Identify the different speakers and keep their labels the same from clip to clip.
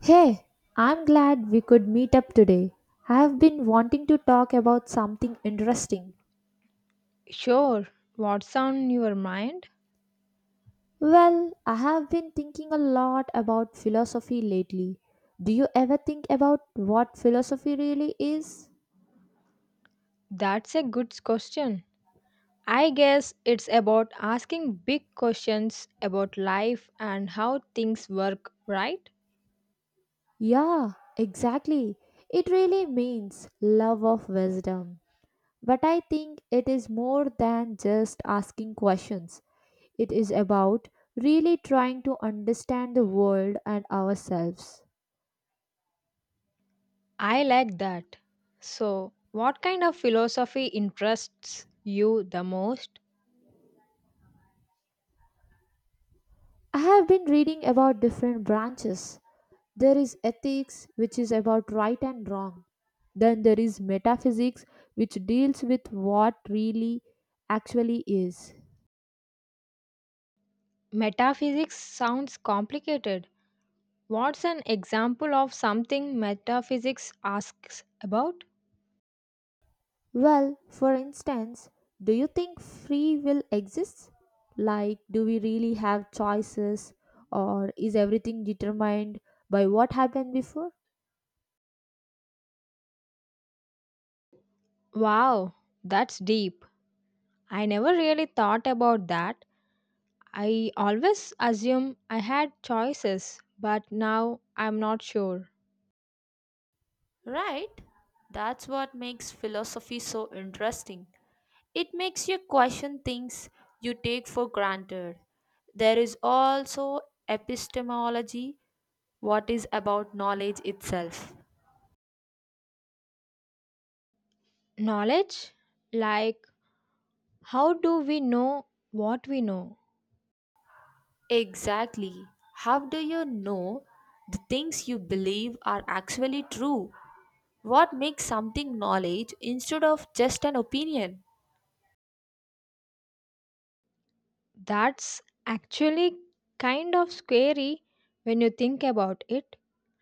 Speaker 1: Hey, I'm glad we could meet up today. I have been wanting to talk about something interesting.
Speaker 2: Sure, what's on your mind?
Speaker 1: Well, I have been thinking a lot about philosophy lately. Do you ever think about what philosophy really is?
Speaker 2: That's a good question. I guess it's about asking big questions about life and how things work, right?
Speaker 1: Yeah, exactly. It really means love of wisdom. But I think it is more than just asking questions, it is about really trying to understand the world and ourselves.
Speaker 2: I like that. So, what kind of philosophy interests you the most?
Speaker 1: I have been reading about different branches. There is ethics, which is about right and wrong. Then there is metaphysics, which deals with what really actually is.
Speaker 2: Metaphysics sounds complicated. What's an example of something metaphysics asks about?
Speaker 1: Well, for instance, do you think free will exists? Like, do we really have choices, or is everything determined by what happened before?
Speaker 2: Wow, that's deep. I never really thought about that. I always assume I had choices, but now I'm not sure.
Speaker 1: Right? That's what makes philosophy so interesting. It makes you question things you take for granted. There is also epistemology, what is about knowledge itself.
Speaker 2: Knowledge? Like, how do we know what we know?
Speaker 1: Exactly. How do you know the things you believe are actually true? What makes something knowledge instead of just an opinion?
Speaker 2: That's actually kind of scary when you think about it.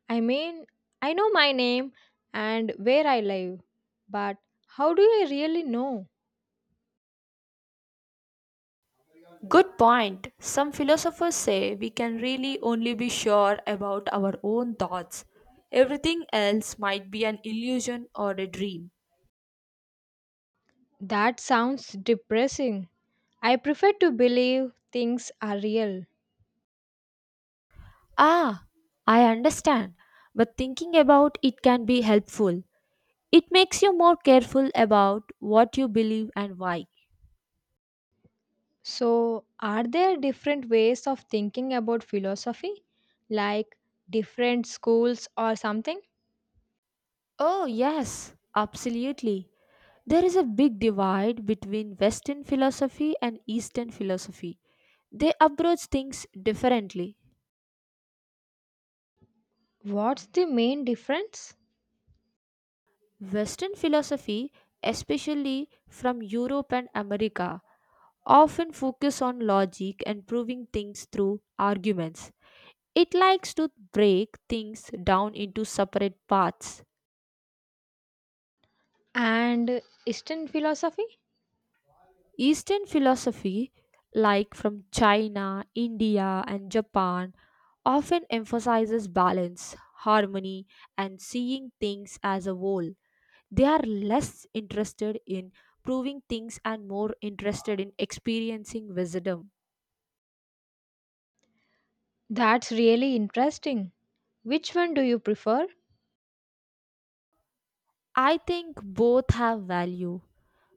Speaker 2: I mean, I know my name and where I live, but how do I really know?
Speaker 1: Good point. Some philosophers say we can really only be sure about our own thoughts. Everything else might be an illusion or a dream.
Speaker 2: That sounds depressing. I prefer to believe things are real.
Speaker 1: Ah, I understand, but thinking about it can be helpful. It makes you more careful about what you believe and why.
Speaker 2: So, are there different ways of thinking about philosophy, like different schools or something?
Speaker 1: Oh, yes, absolutely. There is a big divide between Western philosophy and Eastern philosophy. They approach things differently.
Speaker 2: What's the main difference?
Speaker 1: Western philosophy, especially from Europe and America, often focus on logic and proving things through arguments. It likes to break things down into separate parts.
Speaker 2: And Eastern philosophy?
Speaker 1: Eastern philosophy, like from China, India, and Japan, often emphasizes balance, harmony, and seeing things as a whole. They are less interested in proving things and more interested in experiencing wisdom.
Speaker 2: That's really interesting. Which one do you prefer?
Speaker 1: I think both have value.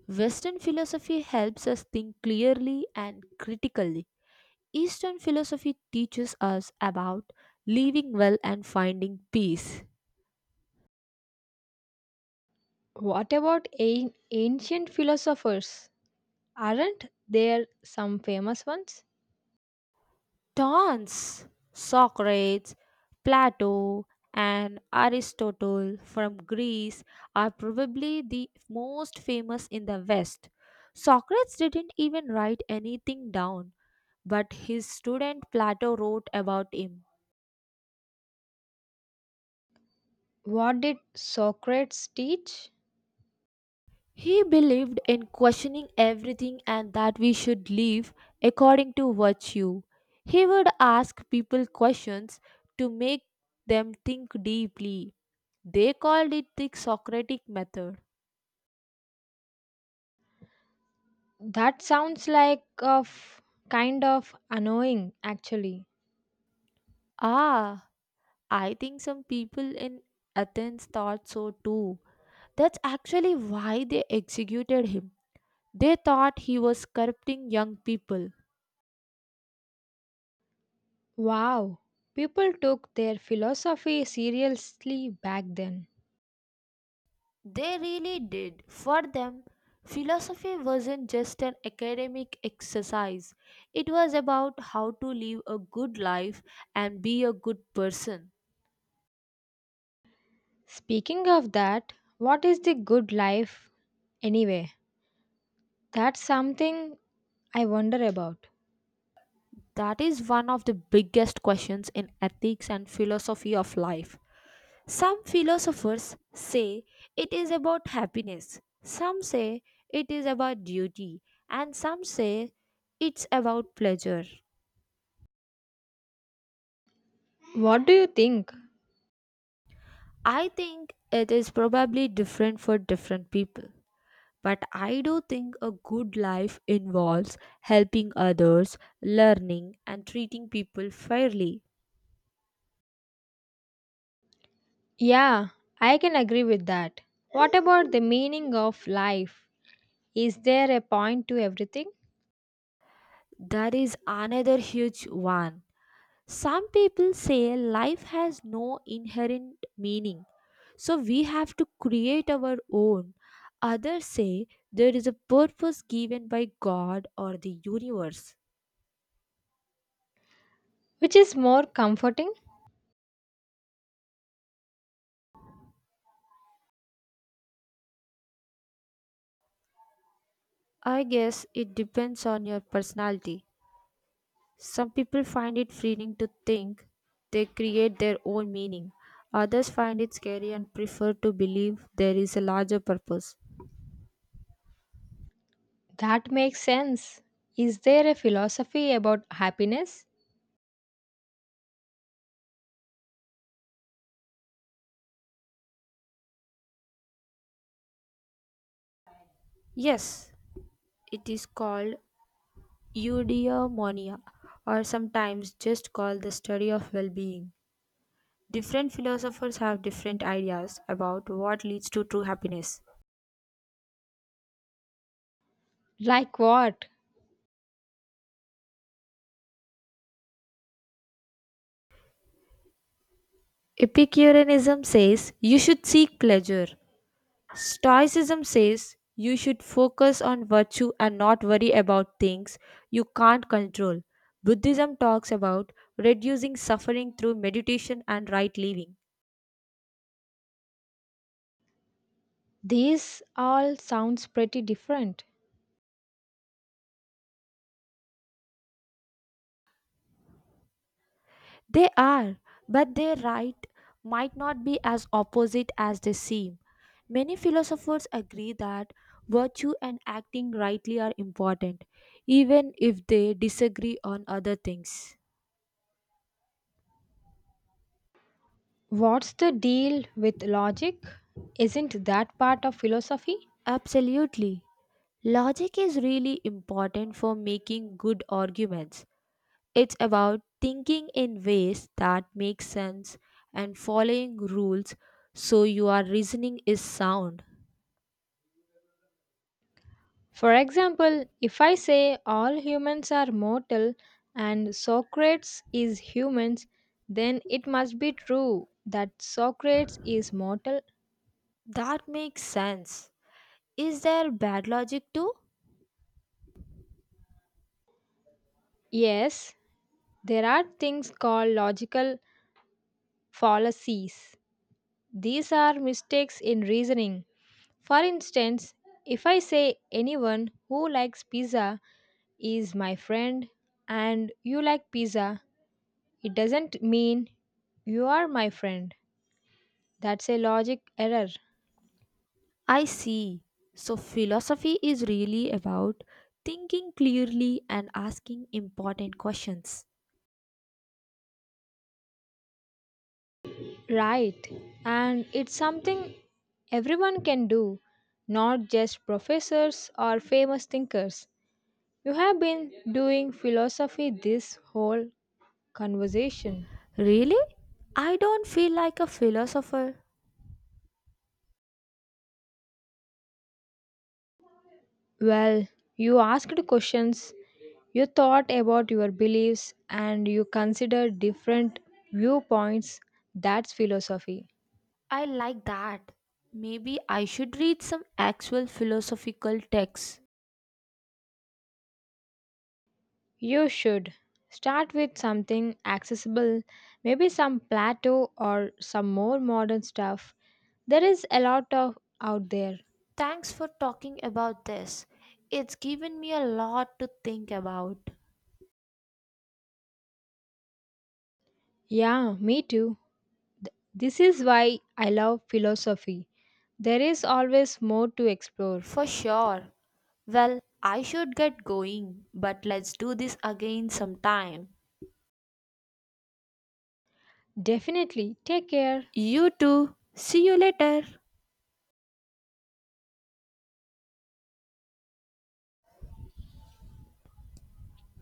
Speaker 1: Western philosophy helps us think clearly and critically. Eastern philosophy teaches us about living well and finding peace.
Speaker 2: What about ancient philosophers? Aren't there some famous ones?
Speaker 1: Tons. Socrates, Plato, and Aristotle from Greece are probably the most famous in the West. Socrates didn't even write anything down, but his student Plato wrote about him.
Speaker 2: What did Socrates teach?
Speaker 1: He believed in questioning everything and that we should live according to virtue. He would ask people questions to make them think deeply. They called it the Socratic method.
Speaker 2: That sounds like of kind of annoying actually.
Speaker 1: Ah, I think some people in Athens thought so too. That's actually why they executed him. They thought he was corrupting young people.
Speaker 2: Wow, people took their philosophy seriously back then.
Speaker 1: They really did. For them, philosophy wasn't just an academic exercise, it was about how to live a good life and be a good person.
Speaker 2: Speaking of that, what is the good life anyway? That's something I wonder about.
Speaker 1: That is one of the biggest questions in ethics and philosophy of life. Some philosophers say it is about happiness, some say it is about duty, and some say it's about pleasure.
Speaker 2: What do you think?
Speaker 1: I think it is probably different for different people. But I do think a good life involves helping others, learning, and treating people fairly.
Speaker 2: Yeah, I can agree with that. What about the meaning of life? Is there a point to everything?
Speaker 1: That is another huge one. Some people say life has no inherent meaning, so we have to create our own. Others say there is a purpose given by God or the universe.
Speaker 2: Which is more comforting?
Speaker 1: I guess it depends on your personality. Some people find it freeing to think they create their own meaning. Others find it scary and prefer to believe there is a larger purpose.
Speaker 2: That makes sense. Is there a philosophy about happiness?
Speaker 1: Yes, it is called eudaimonia or sometimes just called the study of well-being. Different philosophers have different ideas about what leads to true happiness.
Speaker 2: Like what?
Speaker 1: Epicureanism says you should seek pleasure. Stoicism says you should focus on virtue and not worry about things you can't control. Buddhism talks about reducing suffering through meditation and right living.
Speaker 2: These all sounds pretty different.
Speaker 1: They are, but their right might not be as opposite as they seem. Many philosophers agree that virtue and acting rightly are important, even if they disagree on other things.
Speaker 2: What's the deal with logic? Isn't that part of philosophy?
Speaker 1: Absolutely. Logic is really important for making good arguments. It's about thinking in ways that make sense and following rules so your reasoning is sound.
Speaker 2: For example, if I say all humans are mortal and Socrates is humans, then it must be true that Socrates is mortal.
Speaker 1: That makes sense. Is there bad logic too?
Speaker 2: Yes, there are things called logical fallacies. These are mistakes in reasoning. For instance, if I say anyone who likes pizza is my friend and you like pizza, it doesn't mean you are my friend. That's a logic error.
Speaker 1: I see. So, philosophy is really about thinking clearly and asking important questions.
Speaker 2: Right. And it's something everyone can do, not just professors or famous thinkers. You have been doing philosophy this whole conversation.
Speaker 1: Really? I don't feel like a philosopher.
Speaker 2: Well, you asked questions, you thought about your beliefs, and you considered different viewpoints. That's philosophy.
Speaker 1: I like that. Maybe I should read some actual philosophical texts.
Speaker 2: You should start with something accessible, maybe some Plato or some more modern stuff. There is a lot of out there.
Speaker 1: Thanks for talking about this. It's given me a lot to think about.
Speaker 2: Yeah, me too. This is why I love philosophy. There is always more to explore.
Speaker 1: For sure. Well, I should get going, but let's do this again sometime.
Speaker 2: Definitely. Take care.
Speaker 1: You too. See you later.